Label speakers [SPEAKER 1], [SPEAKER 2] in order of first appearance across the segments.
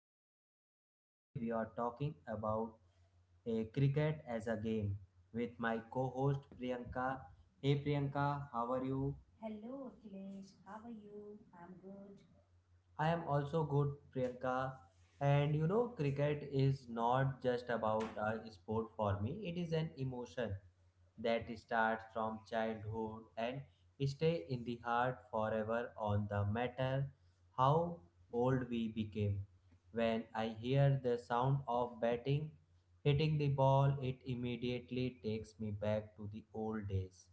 [SPEAKER 1] Akhilesh and today we are talking about a cricket as a game with my co-host Priyanka. Hey Priyanka, how are you?
[SPEAKER 2] Hello, Akhilesh. How are you? I'm good.
[SPEAKER 1] I am also good, Priyanka. And you know, cricket is not just about a sport for me, it is an emotion that starts from childhood and stay in the heart forever on the matter how old we became. When I hear the sound of batting, hitting the ball, it immediately takes me back to the old days.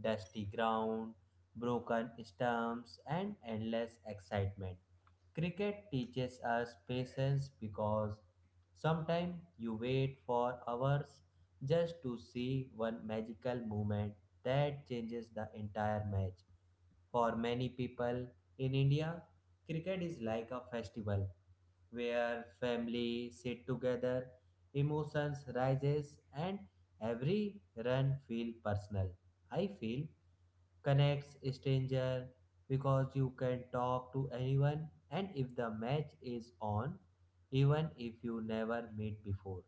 [SPEAKER 1] Dusty ground, broken stumps, and endless excitement. Cricket teaches us patience because sometimes you wait for hours just to see one magical moment that changes the entire match. For many people in India, cricket is like a festival where family sit together, emotions rises and every run feel personal. I feel connects stranger because you can talk to anyone and if the match is on even if you never meet before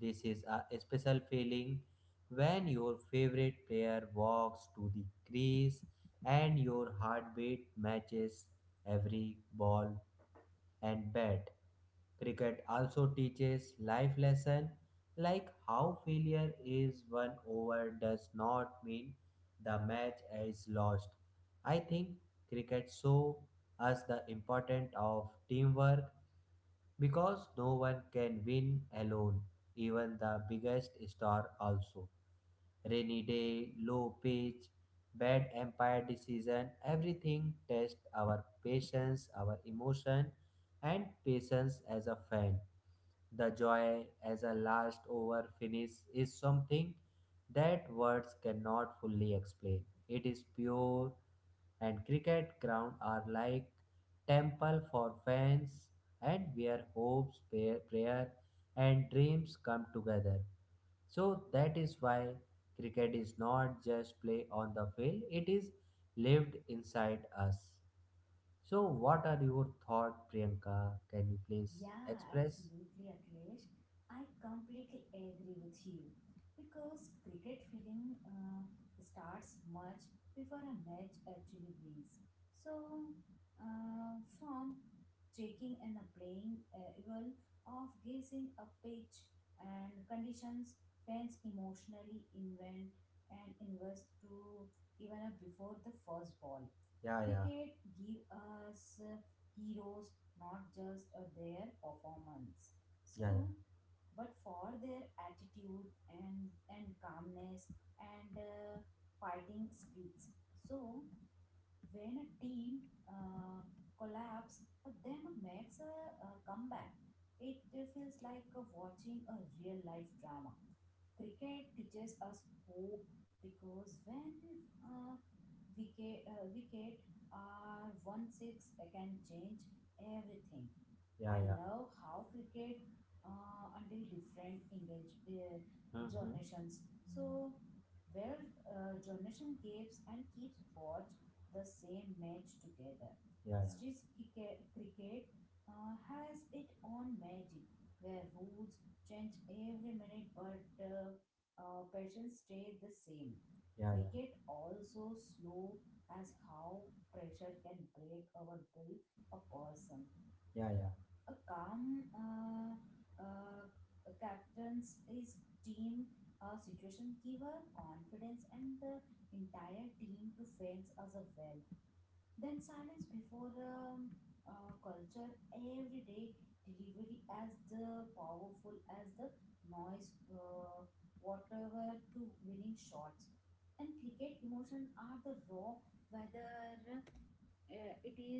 [SPEAKER 1] this is a special feeling when your favorite player walks to the crease and your heartbeat matches every ball and bad. Cricket also teaches life lesson like how failure is one over does not mean the match is lost. I think cricket show us the importance of teamwork because no one can win alone, even the biggest star also rainy day, low pitch, bad empire decision, everything tests our patience, our emotion, and patience as a fan. The joy as a last over finish is something that words cannot fully explain. It is pure, and cricket ground are like temple for fans and where hopes, prayer and dreams come together. So that is why cricket is not just play on the field, it is lived inside us. So what are your thought, Priyanka? Can you please
[SPEAKER 2] Yeah,
[SPEAKER 1] express?
[SPEAKER 2] absolutely, Akhilesh. I completely agree with you because cricket feeling starts much before a match actually begins. So, from checking and playing well of guessing a pitch and conditions, fans emotionally invent and invest to even before the first ball.
[SPEAKER 1] Yeah, yeah,
[SPEAKER 2] Cricket give us heroes not just their performance.
[SPEAKER 1] yeah, yeah,
[SPEAKER 2] So, but for their attitude and calmness and fighting spirits. So, when a team collapse, but then makes a comeback, it feels like watching a real life drama. Cricket teaches us hope because when uh, wicket are one six can change everything.
[SPEAKER 1] yeah,
[SPEAKER 2] I
[SPEAKER 1] yeah.
[SPEAKER 2] love how cricket until different engage
[SPEAKER 1] Mm-hmm.
[SPEAKER 2] generations. So where generation keeps and keeps watch the same match together.
[SPEAKER 1] Yeah, yeah,
[SPEAKER 2] Street cricket has its own magic where rules change every minute but passions stay the same.
[SPEAKER 1] yeah, yeah,
[SPEAKER 2] Cricket also slow as how pressure can break or build a person.
[SPEAKER 1] yeah, yeah,
[SPEAKER 2] A calm uh, captains his team situation give her confidence and the entire team to fans as a well, then silence before culture every day delivery as the powerful as the noise, whatever to winning shots. And cricket emotion are the raw whether it is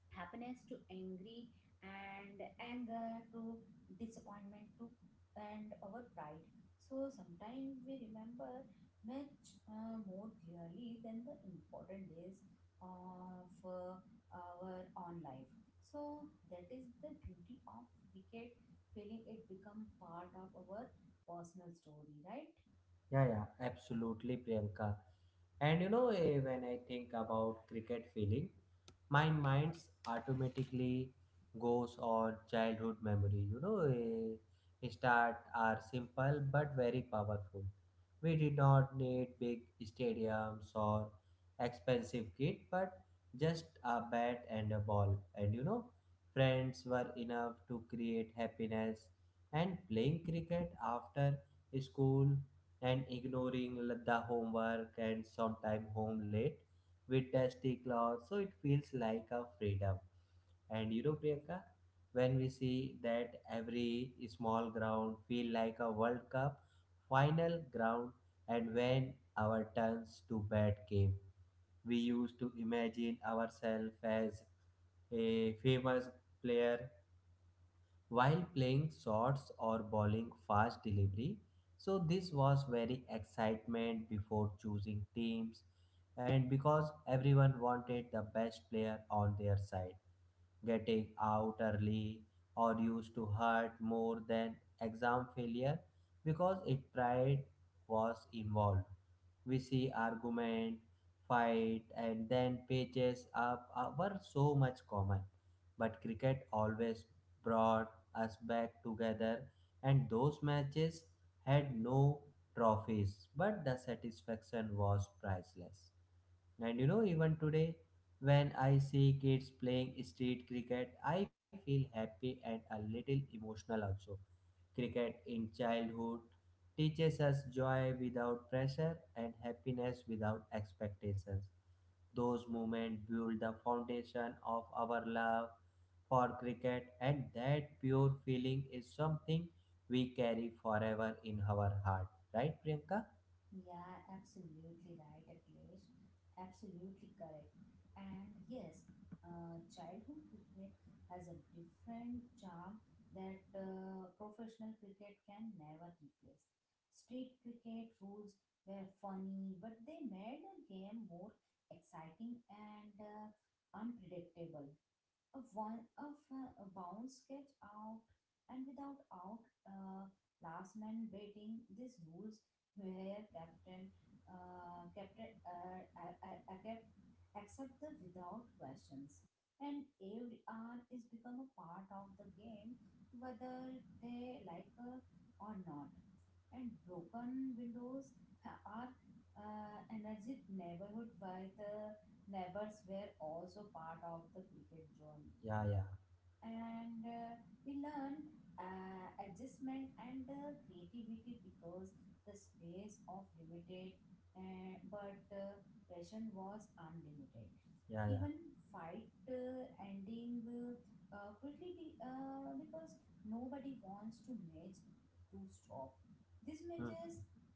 [SPEAKER 2] happiness to angry, and anger to disappointment to and our pride. So sometimes we remember much more clearly than the important days of our own life. So that is the beauty of cricket feeling, it become part of our personal story, right?
[SPEAKER 1] yeah, yeah. Absolutely, Priyanka. And you know, when I think about cricket feeling, my mind's automatically goes on childhood memory. You know, start are simple but very powerful. We did not need big stadiums or expensive kit, but just a bat and a ball. And you know, friends were enough to create happiness. And playing cricket after school and ignoring like the homework and sometime home late with dusty clothes so it feels like a freedom and you know Priyanka when we see that every small ground feel like a world cup final ground and when our turns to bat came we used to imagine ourselves as a famous player while playing shots or bowling fast delivery. So this was very excitement before choosing teams and because everyone wanted the best player on their side. Getting out early or used to hurt more than exam failure because it pride was involved. We see argument, fight and then pages up were so much common but cricket always brought us back together, and those matches had no trophies, but the satisfaction was priceless. And you know, even today, when I see kids playing street cricket, I feel happy and a little emotional also. Cricket in childhood teaches us joy without pressure and happiness without expectations. Those moments build the foundation of our love for cricket, and that pure feeling is something we carry forever in our heart. Right, Priyanka?
[SPEAKER 2] Yeah, absolutely right, Akhilesh. Absolutely correct. And yes, childhood cricket has a different charm that professional cricket can never replace. Street cricket rules were funny, but they made the game more exciting and unpredictable. A one of a bounce get out, and without out last man betting, these rules where captain I kept accept the without questions, and every hour is become a part of the game whether they like or not. And broken windows are energy neighborhood by the neighbors were also part of the cricket journey.
[SPEAKER 1] Yeah, yeah,
[SPEAKER 2] And we learn adjustment and creativity because the space of limited, but passion was unlimited.
[SPEAKER 1] yeah, yeah.
[SPEAKER 2] Even fight ending quickly because nobody wants to match to stop this
[SPEAKER 1] Hmm.
[SPEAKER 2] matches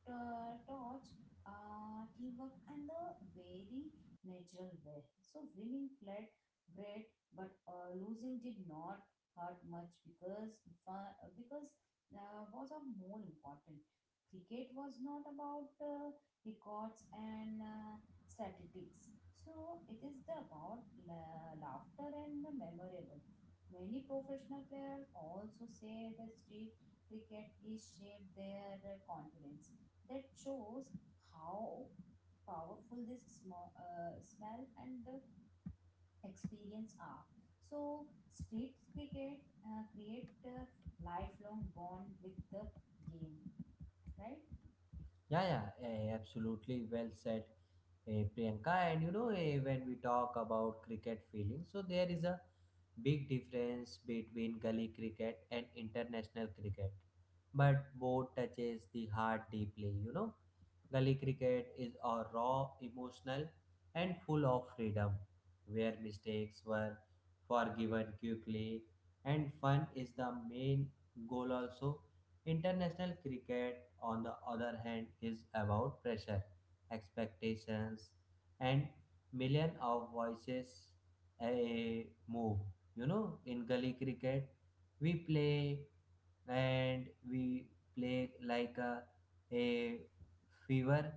[SPEAKER 2] touch teamwork and the very natural way. So winning flat great, but losing did not hurt much because was of more important. Cricket was not about records and statistics, so it is the about laughter and the memorable. Many professional players also say that street cricket is shaped their confidence. That shows how powerful this small, smell and experience are. So street cricket create a lifelong bond with the game, right?
[SPEAKER 1] Yeah, yeah, absolutely well said, Priyanka. And you know, when we talk about cricket feeling, so there is a big difference between gully cricket and international cricket, but both touches the heart deeply. You know, gully cricket is a raw, emotional, and full of freedom, where mistakes were forgiven quickly, and fun is the main goal also. International cricket, on the other hand, is about pressure, expectations, and million of voices a move. You know, in gully cricket, we play and we play like a fever.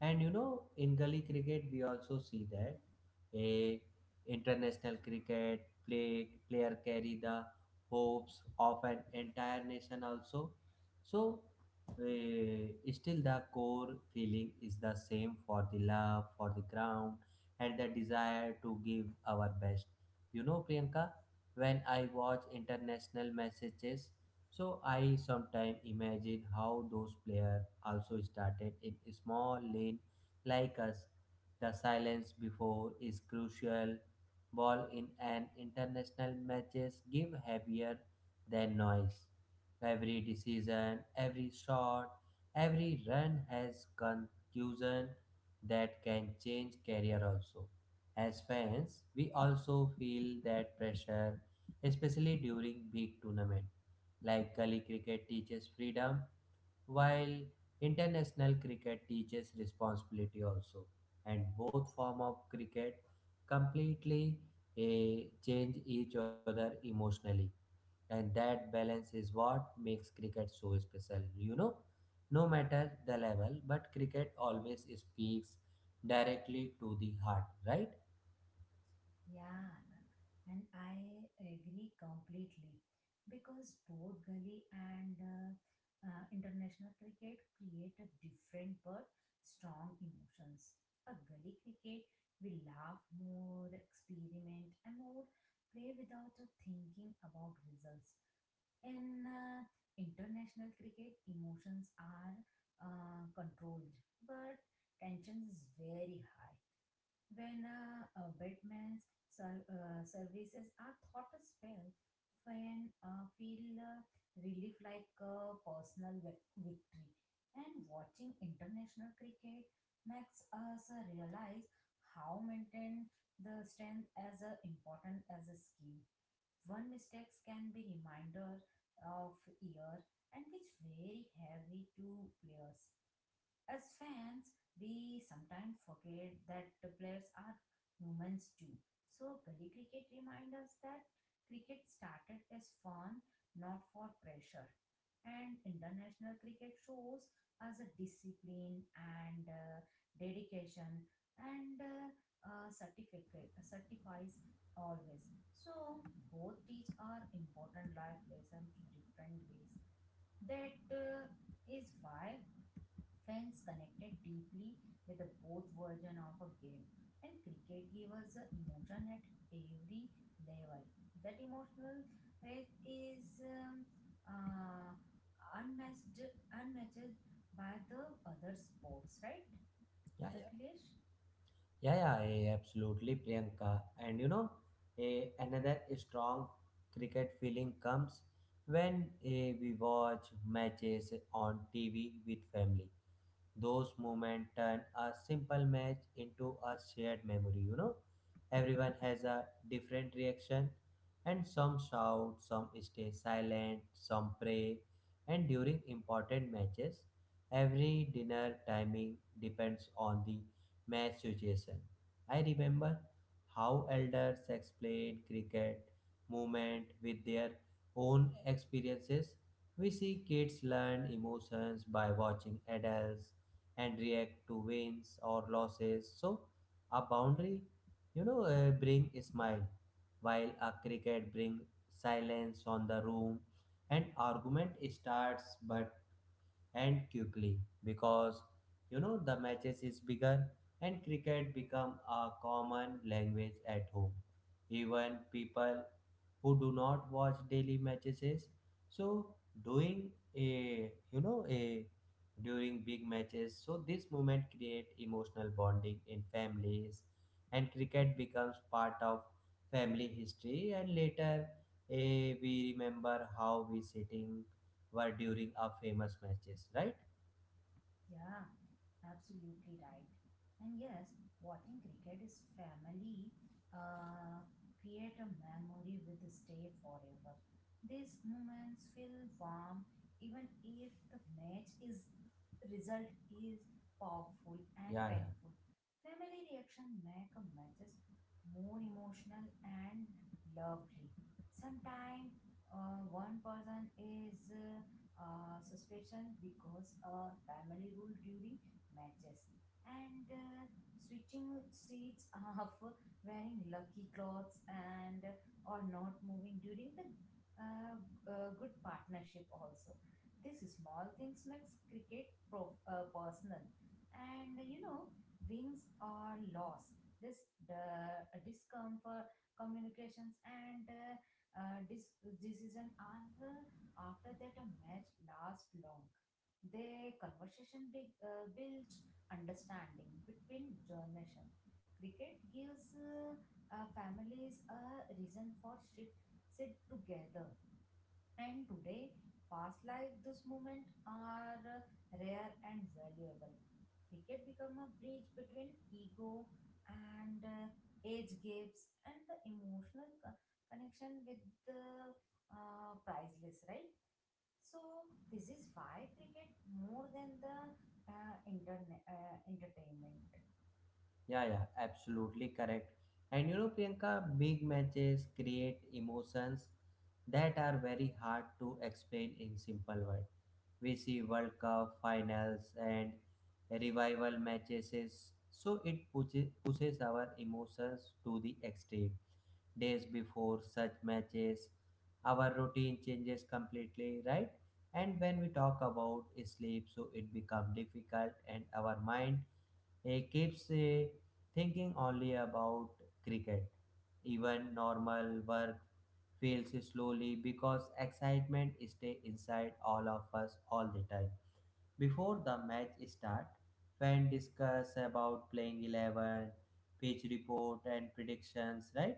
[SPEAKER 1] And you know, in gully cricket, we also see that a international cricket play, player carry the hopes of an entire nation also so, still the core feeling is the same for the love, for the ground, and the desire to give our best. You know, Priyanka, when I watch international messages, so I sometimes imagine how those players also started in a small lane like us. The silence before is crucial. Ball in an international matches give heavier than noise. Every decision, every shot, every run has conclusion that can change career also. As fans, we also feel that pressure, especially during big tournament. Like Gully cricket teaches freedom, while international cricket teaches responsibility also. And both form of cricket completely change each other emotionally and that balance is what makes cricket so special you know no matter the level but cricket always speaks directly to the heart right.
[SPEAKER 2] Yeah, and I agree completely because both gully and international cricket create a different but strong emotions. A gully cricket, we laugh more, experiment, and more play without thinking about results. In international cricket, emotions are controlled, but tension is very high. When a batman's services are thought as well, when feel relief like a personal victory. And watching international cricket makes us realize how maintain the strength as a important as a skill. One mistakes can be reminder of year, and which very heavy to players. As fans, we sometimes forget that the players are humans too. So, Gully Cricket reminds us that cricket started as fun, not for pressure. And international cricket shows us a discipline and dedication and certificate, certifies always. So, both teach our important life lesson to different ways. That is why fans connected deeply with the both version of a game, and cricket gave us the emotion at every level. That emotional rate is uh, unmatched, unmatched by the other sports, right,
[SPEAKER 1] Yeah, yeah,
[SPEAKER 2] Akhilesh?
[SPEAKER 1] yeah, yeah, absolutely Priyanka. And you know, a another strong cricket feeling comes when we watch matches on TV with family. Those moments turn a simple match into a shared memory, you know. Everyone has a different reaction, and some shout, some stay silent, some pray. And during important matches, every dinner timing depends on the match situation. I remember how elders explained cricket movement with their own experiences. We see kids learn emotions by watching adults and react to wins or losses. So a boundary, you know, bring a smile, while a cricket bring silence on the room. And argument starts but end quickly because you know the matches is bigger and cricket become a common language at home. Even people who do not watch daily matches is so doing a you know a during big matches so this moment create emotional bonding in families and cricket becomes part of family history and later we remember how we sitting were during our famous matches right.
[SPEAKER 2] Yeah. Absolutely right. And yes, watching cricket is family uh, create a memory with stay forever. These moments feel warm even if the match is result is powerful and
[SPEAKER 1] Yeah, yeah.
[SPEAKER 2] painful. Family reaction make a matches more emotional and lovely. Sometimes one person is suspicion because a family rule during matches, and switching seats off, wearing lucky clothes and or not moving during the uh, good partnership also. These small things makes cricket personal. And wins or loss, this the discomfort communications and uh, dis- decision are after that a match lasts long, their conversation builds understanding between generations. Cricket gives families a reason for sit together. And today, fast life, this moment are rare and valuable. Cricket become a bridge between ego and age gaps and the emotional connection with the priceless, right? So this is why cricket more than the internet entertainment.
[SPEAKER 1] Yeah, yeah, absolutely correct. And you know, Priyanka, big matches create emotions that are very hard to explain in simple words. We see World Cup finals and revival matches, so it pushes our emotions to the extreme. Days before such matches, our routine changes completely, right? And when we talk about sleep, so it becomes difficult, and our mind he keeps thinking only about cricket. Even normal work fails slowly because excitement stays inside all of us all the time. Before the match start, fans discuss about playing 11, pitch report and predictions, right?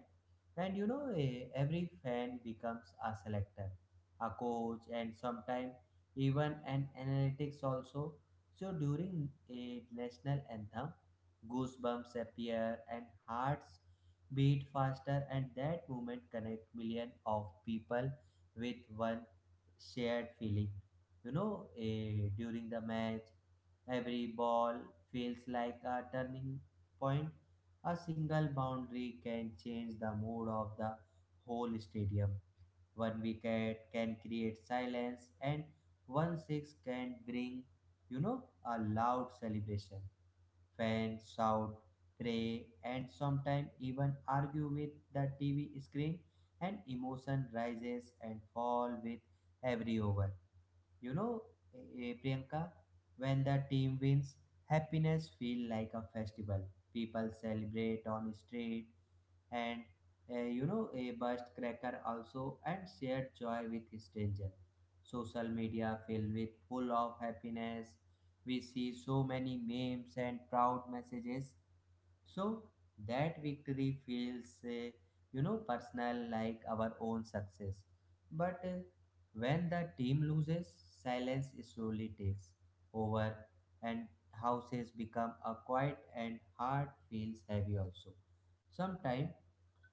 [SPEAKER 1] And you know, every fan becomes a selector, a coach, and sometimes even an analytics also. So during a national anthem, goosebumps appear and hearts beat faster, and that moment connect millions of people with one shared feeling. You know, during the match, every ball feels like a turning point. A single boundary can change the mood of the whole stadium. One wicket can create silence, and one six can bring, you know, a loud celebration. Fans shout, pray, and sometimes even argue with the TV screen, and emotion rises and fall with every over. You know, Priyanka, when the team wins, happiness feel like a festival. People celebrate on street and you know a burst cracker also and share joy with stranger. Social media filled with full of happiness. We see so many memes and proud messages so that victory feels, you know, personal like our own success. But when the team loses, silence slowly takes over, and houses become a quiet, and heart feels heavy also. Sometimes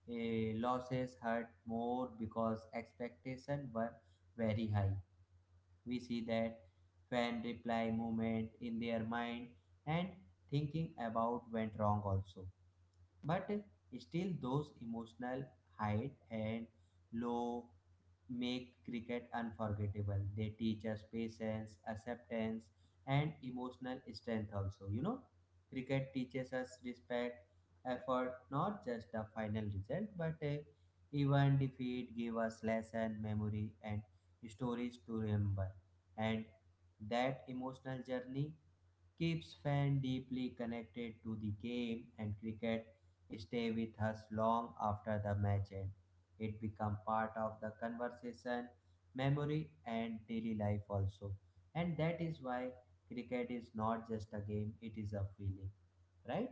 [SPEAKER 1] losses hurt more because expectations were very high. We see that fan reply movement in their mind and thinking about went wrong also but still those emotional height and low make cricket unforgettable. They teach us patience acceptance and emotional strength also you know cricket teaches us respect effort not just the final result but even defeat give us lesson memory and stories to remember and that emotional journey keeps fans deeply connected to the game and cricket stay with us long after the match end. It become part of the conversation, memory and daily life also. And that is why cricket is not just a game, it is a feeling. Right?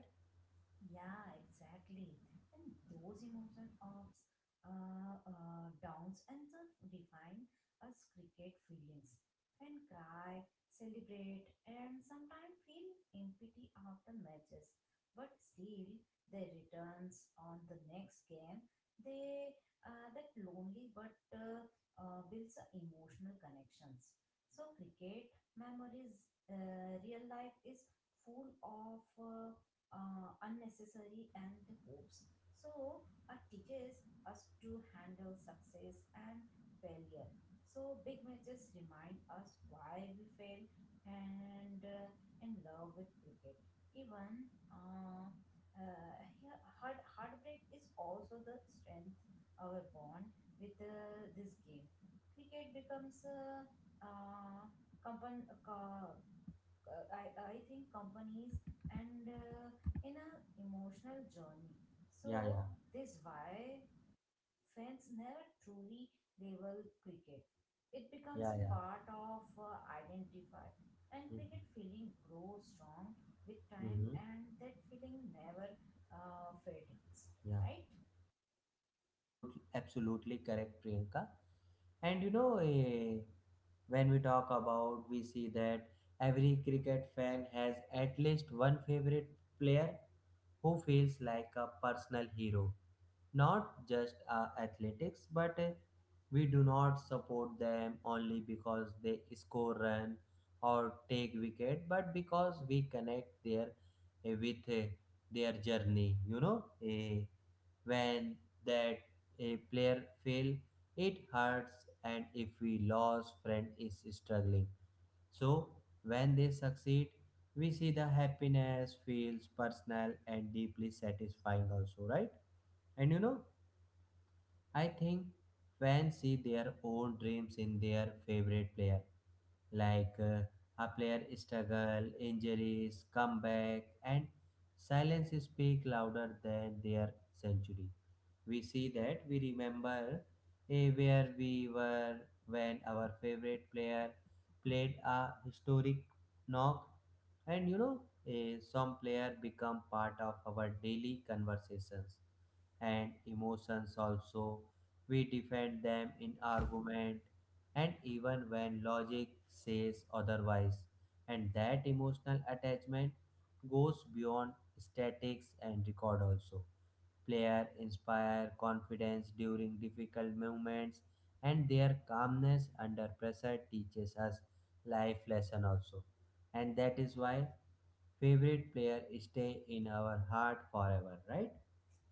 [SPEAKER 2] Yeah, exactly. And those emotion ups, downs, and self define us cricket feelings. Fan cry, celebrate, and sometimes feel empty after matches. But still, they returns on the next game. They that lonely but builds a emotional connections. So cricket memories, real life is full of unnecessary and hopes. So it teaches us to handle success and failure. So big matches remind us why we fail and in love with cricket. Even uh, heartbreak is also the strength our bond with this game. Cricket becomes uh, compan- uh, I think companies and in a emotional journey.
[SPEAKER 1] Yeah, yeah.
[SPEAKER 2] So this why fans never truly label cricket. It becomes
[SPEAKER 1] Yeah,
[SPEAKER 2] a
[SPEAKER 1] yeah.
[SPEAKER 2] part of identify, and cricket feeling grows strong with time,
[SPEAKER 1] Mm-hmm.
[SPEAKER 2] and that feeling never fades,
[SPEAKER 1] Yeah.
[SPEAKER 2] right?
[SPEAKER 1] Absolutely, absolutely correct, Priyanka. And you know, when we talk about, we see that every cricket fan has at least one favorite player who feels like a personal hero. Not just athletics, but we do not support them only because they score run or take wicket, but because we connect their with their journey. You know. When that a player fail it hurts and if we lose friend is struggling so when they succeed we see the happiness feels personal and deeply satisfying also right. And you know I think fans see their own dreams in their favorite player like a player struggle, injuries, comeback, and silence speak louder than their century. We see that we remember where we were when our favorite player played a historic knock. And you know, some player become part of our daily conversations and emotions also. We defend them in argument and even when logic says otherwise. And that emotional attachment goes beyond statics and record also. Player inspire confidence during difficult moments and their calmness under pressure teaches us life lesson also. And that is why favorite player stay in our heart forever, right?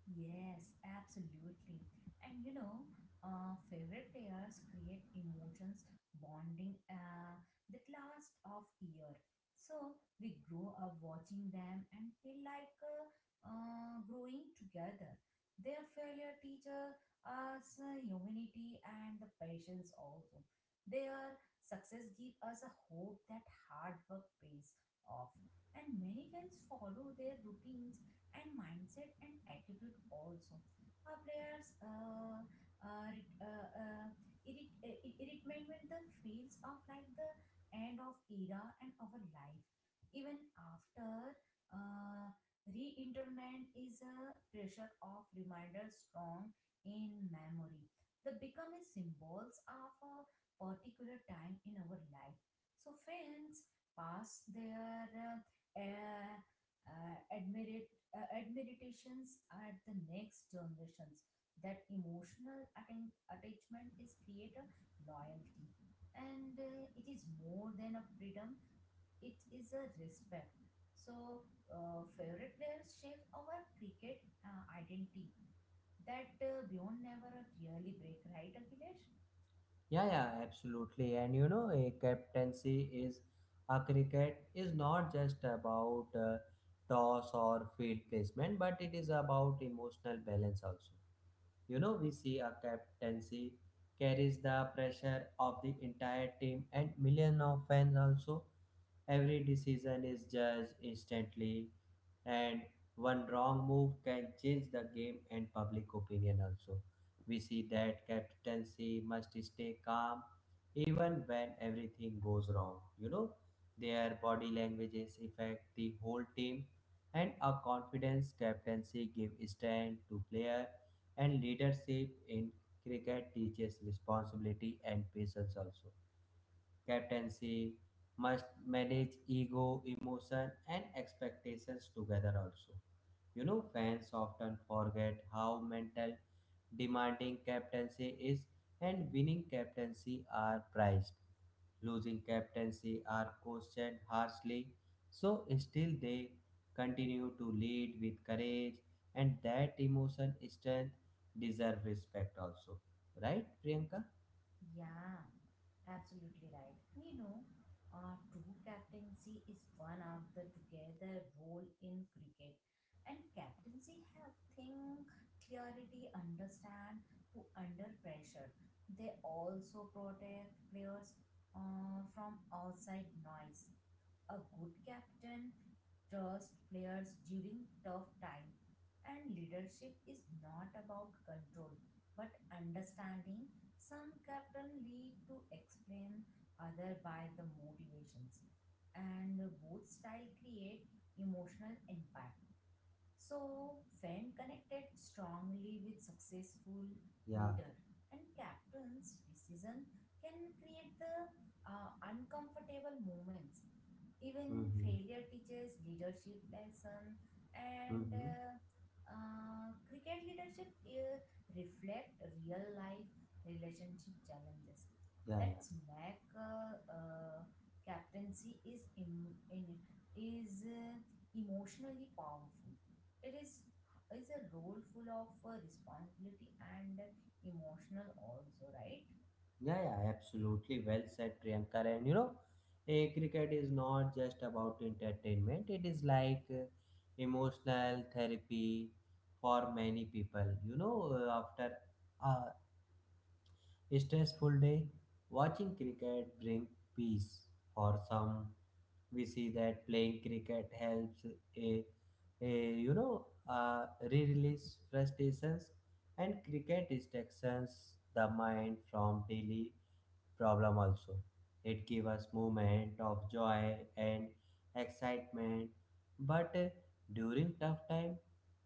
[SPEAKER 2] Yes, absolutely. And you know, favorite players create emotions, bonding that last of year. So we grow up watching them and feel like growing together. Their failure teaches us humanity and the patience also. Their success give us a hope that hard work pays off. And many fans follow their routines and mindset and attitude also. Our players uh, rit- uh, uh, irritment with the feels of like the end of era and our life. Even after uh, re-interment is a pressure of reminder strong in memory. They become a symbols of a particular time in our life. So fans pass their admired admirations at the next generations. That emotional attachment is create a loyalty, and it is more than a freedom. It is a respect. So favorite players shape our cricket identity that beyond never really break, right, Akhilesh?
[SPEAKER 1] Yeah, yeah, absolutely. And you know, a cricket is not just about toss or field placement, but it is about emotional balance also. You know, we see a captaincy carries the pressure of the entire team and million of fans also. Every decision is judged instantly, and one wrong move can change the game and public opinion also. We see that captaincy must stay calm even when everything goes wrong. You know, their body languages affect the whole team, and a confidence captaincy gives strength to player, and leadership in cricket teaches responsibility and patience also. Captaincy must manage ego, emotion, and expectations together also. You know, fans often forget how mental demanding captaincy is, and winning captaincy are prized. Losing captaincy are questioned harshly, so still they continue to lead with courage, and that emotion strength deserve respect also. Right, Priyanka?
[SPEAKER 2] Yeah. Absolutely right. You know, true captaincy is one of the together role in cricket. And captaincy have think, clarity, understand to under pressure. They also protect players from outside noise. A good captain trusts players during tough time, and leadership is not about control but understanding. Some captain lead to explain other by the motivations, and both style create emotional impact. So, Fenn connected strongly with successful
[SPEAKER 1] Yeah.
[SPEAKER 2] leader, and captain's decision can create the uncomfortable moments. Even
[SPEAKER 1] Mm-hmm.
[SPEAKER 2] failure teaches leadership lesson, and
[SPEAKER 1] Mm-hmm.
[SPEAKER 2] cricket leadership reflect real life relationship challenges.
[SPEAKER 1] Yeah, yeah.
[SPEAKER 2] That's make captaincy is is emotionally powerful. It is a role full of responsibility and emotional also, right?
[SPEAKER 1] Yeah, yeah, absolutely. Well said, Priyankar. And you know, cricket is not just about entertainment, it is like emotional therapy for many people. You know, after a stressful day, watching cricket brings peace. For some, we see that playing cricket helps a, a you know, uh, re-release frustrations, and cricket distractions the mind from daily problem also. It gives us moment of joy and excitement, but during tough time,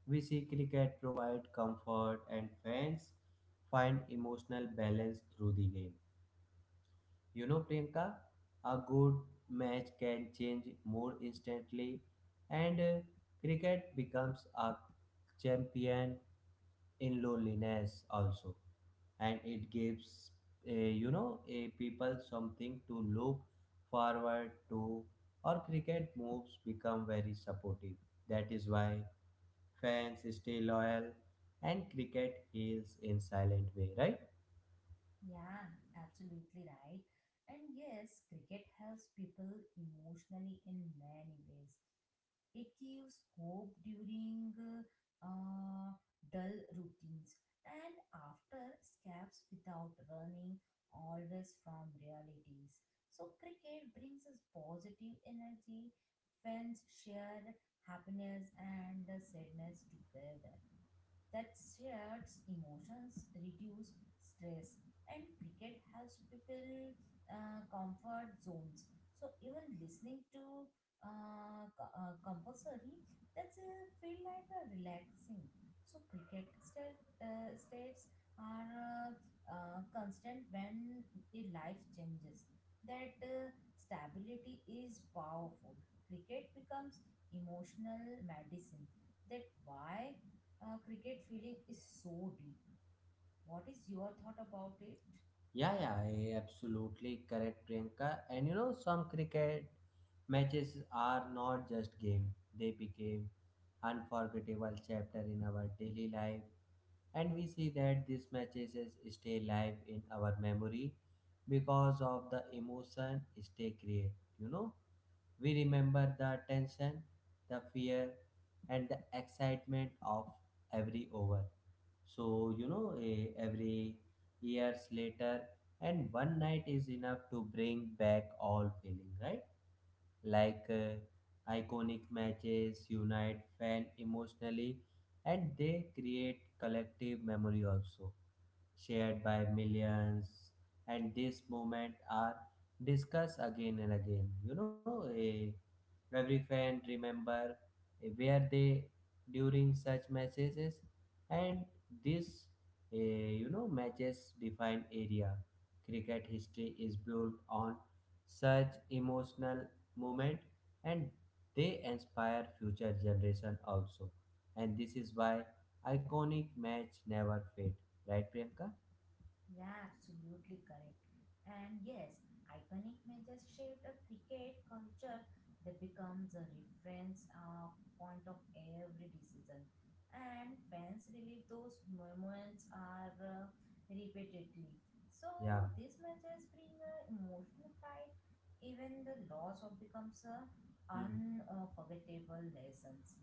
[SPEAKER 1] we see cricket provide comfort and fans find emotional balance through the game. You know, Priyanka, a good match can change more instantly, and cricket becomes a champion in loneliness also, and it gives you know, a people something to look forward to, or cricket moves become very supportive. That is why fans stay loyal and cricket heals in silent way, right?
[SPEAKER 2] Yeah, absolutely right. And yes, cricket helps people emotionally in many ways. It gives hope during uh, dull routines and after scabs without running always from realities. So, cricket brings us positive energy, fans share happiness and sadness together. That shares emotions, reduce stress, and cricket helps people comfort zones. So even listening to compulsory, that's a feel like a relaxing. So cricket states are constant when a life changes. That stability is powerful. Cricket becomes emotional medicine, that why cricket feeling is so deep. What is your thought about it?
[SPEAKER 1] Yeah, yeah, absolutely correct, Priyanka. And you know, some cricket matches are not just game, they became unforgettable chapter in our daily life, and we see that stay live in our memory because of the emotion they create. You know, we remember the tension, the fear, and the excitement of every over. So you know, every years later and one night is enough to bring back all feeling, right? Like iconic matches unite fan emotionally, and they create collective memory also, shared by millions, and this moment are discussed again and again. You know, every fan remember where they during such matches, and this, you know, matches define area. Cricket history is built on such emotional moment, and they inspire future generation also. And this is why iconic match never fade, right Priyanka?
[SPEAKER 2] Yeah, absolutely correct. And yes, iconic matches shaped a cricket culture that becomes a reference of point of every decision. And fans relive those moments are repeatedly. So
[SPEAKER 1] Yeah.
[SPEAKER 2] these matches bring emotional pride. Even the loss of becomes a
[SPEAKER 1] Hmm.
[SPEAKER 2] unforgettable lessons.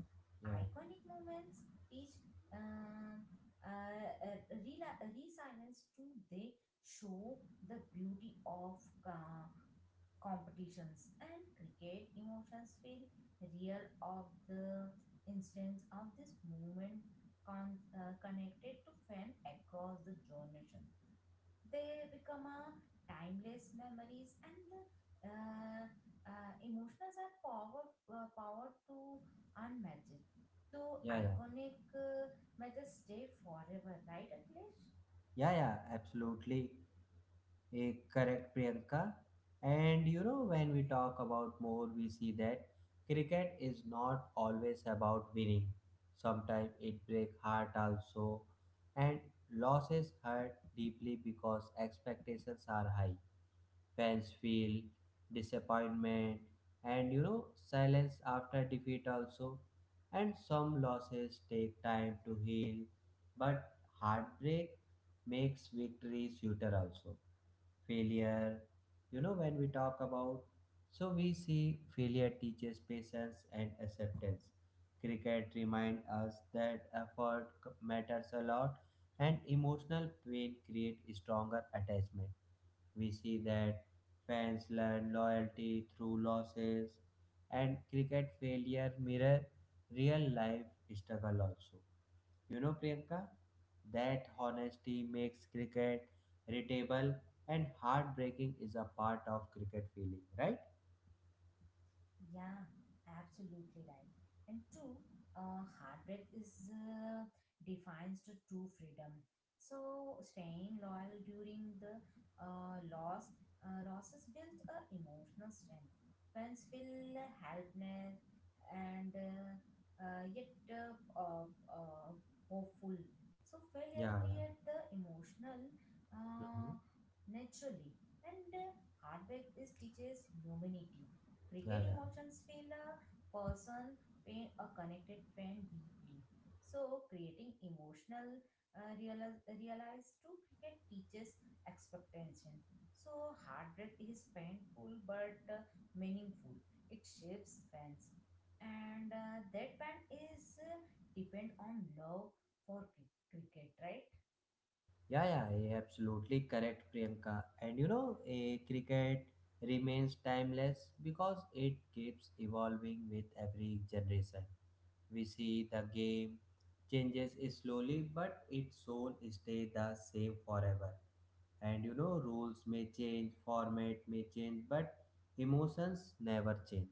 [SPEAKER 1] Yeah,
[SPEAKER 2] Iconic moments teach uh, uh, uh, resilience too. They show the beauty of competitions, and cricket emotions feel real of the instance of this movement connected to fan across the generation. They become a timeless memories, and the uh, emotions are power to unmatched. Though
[SPEAKER 1] yeah, yeah,
[SPEAKER 2] iconic matches stay forever, right, Akhilesh?
[SPEAKER 1] yeah, yeah, absolutely a correct, Priyanka. And you know, when we talk about more, we see that cricket is not always about winning. Sometimes it break heart also, and losses hurt deeply because expectations are high. Fans feel disappointment and you know silence after defeat also. And some losses take time to heal, but heartbreak makes victory sweeter also. Failure, you know, when we talk about, so we see failure teaches patience and acceptance. Cricket remind us that matters a lot and emotional pain create stronger attachment. We see that fans learn loyalty through losses, and cricket failure mirror real life struggle also. You know, Priyanka, that honesty makes cricket readable and heartbreaking is a part of cricket feeling, right?
[SPEAKER 2] Yeah, absolutely right. And two, heartbreak is defines the true freedom. So staying loyal during the uh, loss losses build a emotional strength. Friends feel helpless, and yet hopeful. So failure
[SPEAKER 1] Yeah,
[SPEAKER 2] create the emotional
[SPEAKER 1] yeah. Mhm.
[SPEAKER 2] uh, naturally, and heartbreak is teaches humanity.
[SPEAKER 1] Yeah,
[SPEAKER 2] Cricket
[SPEAKER 1] yeah.
[SPEAKER 2] emotions feel a person, pain, a connected friend deeply. So, creating emotional realize to cricket teaches expectation. So, heartbreak is painful but meaningful. It shapes fans, and that band is depend on love for cricket, right?
[SPEAKER 1] Yeah, yeah, absolutely correct, Priyanka. And you know, a cricket remains timeless because it keeps evolving with every generation. We see the game changes slowly, but its soul stay the same forever. And you know, rules may change, format may change, but emotions never change.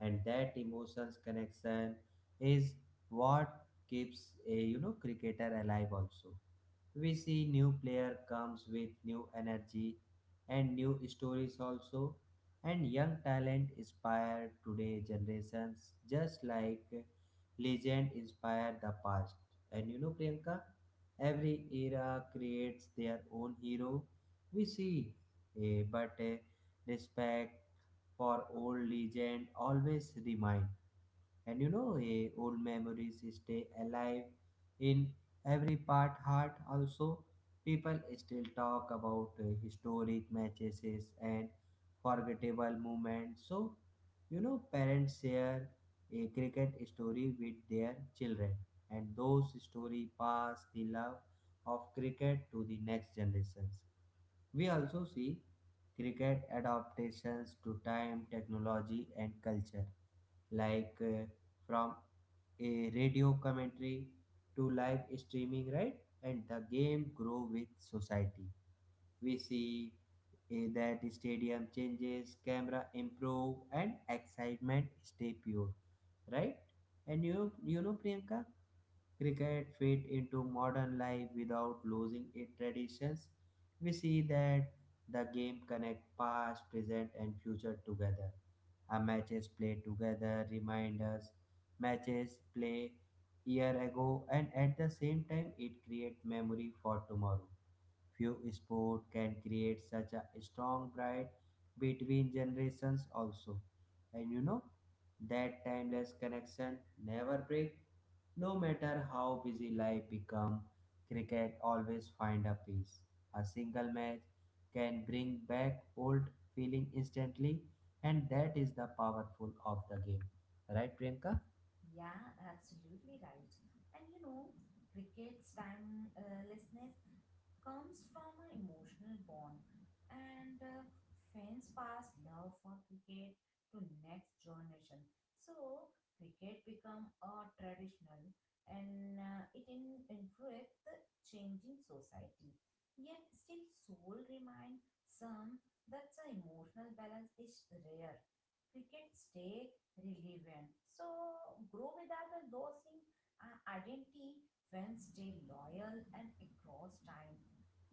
[SPEAKER 1] And that emotions connection is what keeps a you know cricketer alive also. We see new player comes with new energy and new stories also, and young talent inspire today generations just like legend inspire the past. And you know, Priyanka, every era creates their own hero. We see, eh, but eh, respect for old legend always remain. And you know, old memories stay alive in every part heart also. People still talk about historic matches and forgettable moments. So you know, parents share a cricket story with their children, and those story pass the love of cricket to the next generations. We also see cricket adaptations to time technology and culture, like from a radio commentary to live streaming, right? And the game grow with society. We see that stadium changes, camera improve, and excitement stay pure, right? And you know, Priyanka, cricket fit into modern life without losing its traditions. We see that the game connect past, present, and future together. A matches play together remind us matches play year ago, and at the same time, it create memory for tomorrow. Few sports can create such a strong pride between generations also. And you know, that timeless connection never break. No matter how busy life become, cricket always find a peace. A single match can bring back old feeling instantly, and that is the powerful of the game. Right Priyanka?
[SPEAKER 2] Yeah, absolutely right. And you know, cricket's timelessness comes from an emotional bond, and fans pass love for cricket to next generation. So cricket become a traditional, and influence the changing society. Yet still, soul remind some that the emotional balance is rare. Cricket stay relevant. So grow without a losing identity when stay loyal and across time.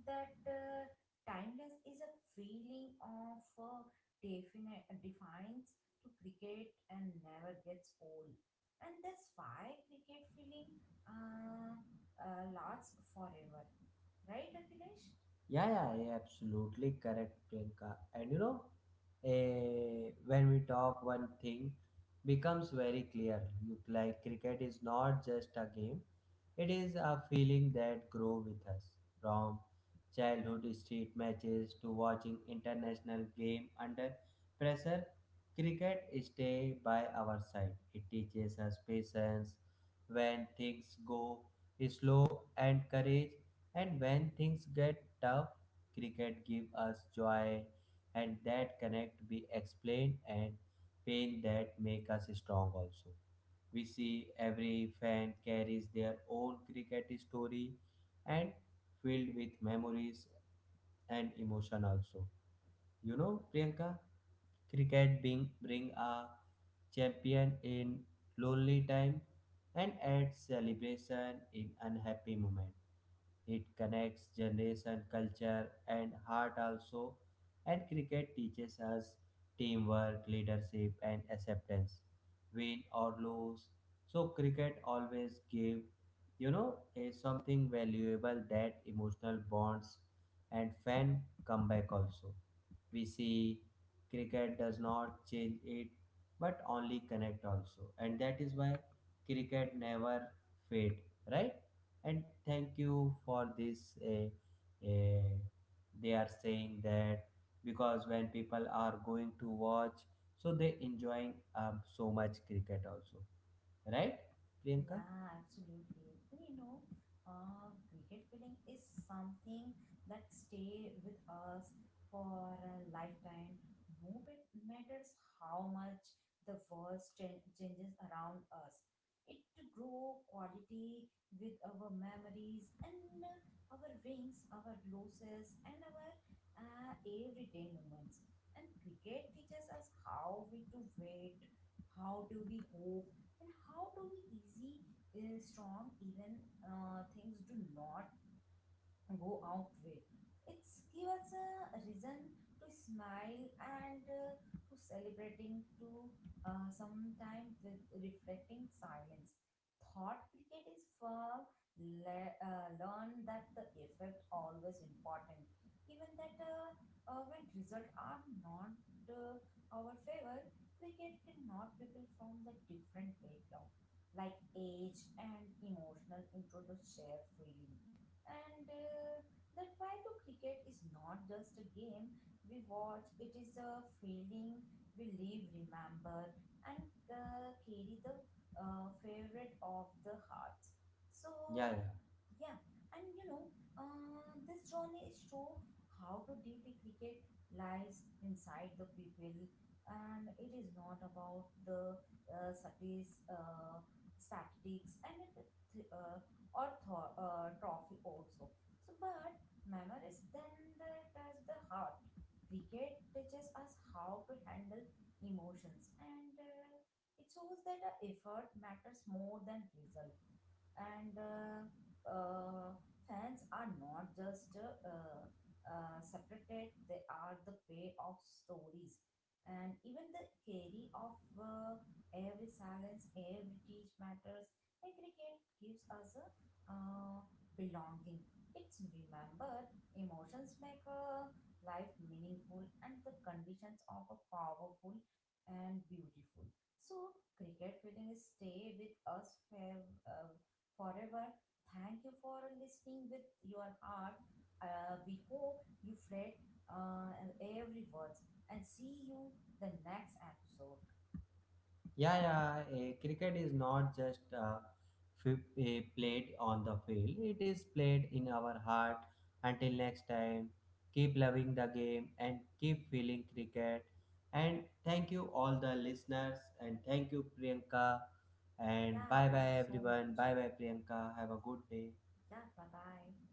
[SPEAKER 2] That timeless is a feeling of definite defines to cricket and never gets old. And that's why cricket feeling lasts forever. Right, Akhilesh?
[SPEAKER 1] Yeah, yeah, yeah, absolutely correct, Priyanka. And you know, when we talk, one thing becomes very clear. You like cricket is not just a game; it is a feeling that grow with us from childhood street matches to watching international game under pressure. Cricket stay by our side. It teaches us patience when things go slow and courage, and when things get tough, cricket gives us joy and that connect be explained and pain that make us strong also. We see every fan carries their own cricket story and filled with memories and emotion also. You know, Priyanka, cricket being bring a champion in lonely time and adds celebration in unhappy moment. It connects generation, culture, and heart also. And cricket teaches us teamwork, leadership, and acceptance, win or lose. So cricket always give, you know, a something valuable that emotional bonds and fan comeback also. We see cricket does not change it, but only connect also, and that is why cricket never fade, right? And thank you for this they are saying that because when people are going to watch, so they enjoying so much cricket also, right Priyanka?
[SPEAKER 2] Yeah, absolutely. And you know, cricket feeling is something that stay with us for a lifetime. No matters how much the world changes around us, it to grow quality with our memories and our wins, our losses, and our everyday moments. And cricket teaches us how we to wait, how do we hope, and how do we easy, strong even things do not go out way. It's give us a reason to smile and to celebrating to sometime with reflecting silence. Thought cricket is firm. Learn that the effect always important. Even that when result are not uh, our favor, cricket cannot people from the different background like age and emotional intro to share feeling. And that why to cricket is not just a game we watch, it is a feeling we live, remember, and carry the favorite of the heart. So
[SPEAKER 1] Yeah, yeah.
[SPEAKER 2] yeah. And you know, this journey is show how to deeply cricket lies inside the people. And it is not about the uh, statis, uh, statistics and it, uh, or trophy also. So, but memories then they touch the heart. Cricket teaches us how to handle emotions, and it shows that effort matters more than result. And uh, fans are not just separated, they are the pay of stories, and even the carry of every silence every teach matters. And cricket gives us a uh, belonging, it's remember emotions make a life meaningful, and the conditions of a powerful and beautiful. So cricket feeling stay with us forever. Thank you for listening with your heart. We hope you read every word, and see you the next episode.
[SPEAKER 1] Yeah, yeah. Cricket is not just played on the field. It is played in our heart. Until next time, keep loving the game and keep feeling cricket. And thank you all the listeners and thank you Priyanka. And
[SPEAKER 2] Yeah,
[SPEAKER 1] bye
[SPEAKER 2] thank
[SPEAKER 1] bye
[SPEAKER 2] you so
[SPEAKER 1] everyone.
[SPEAKER 2] much.
[SPEAKER 1] Bye bye Priyanka. Have a good day.
[SPEAKER 2] Yeah, bye bye.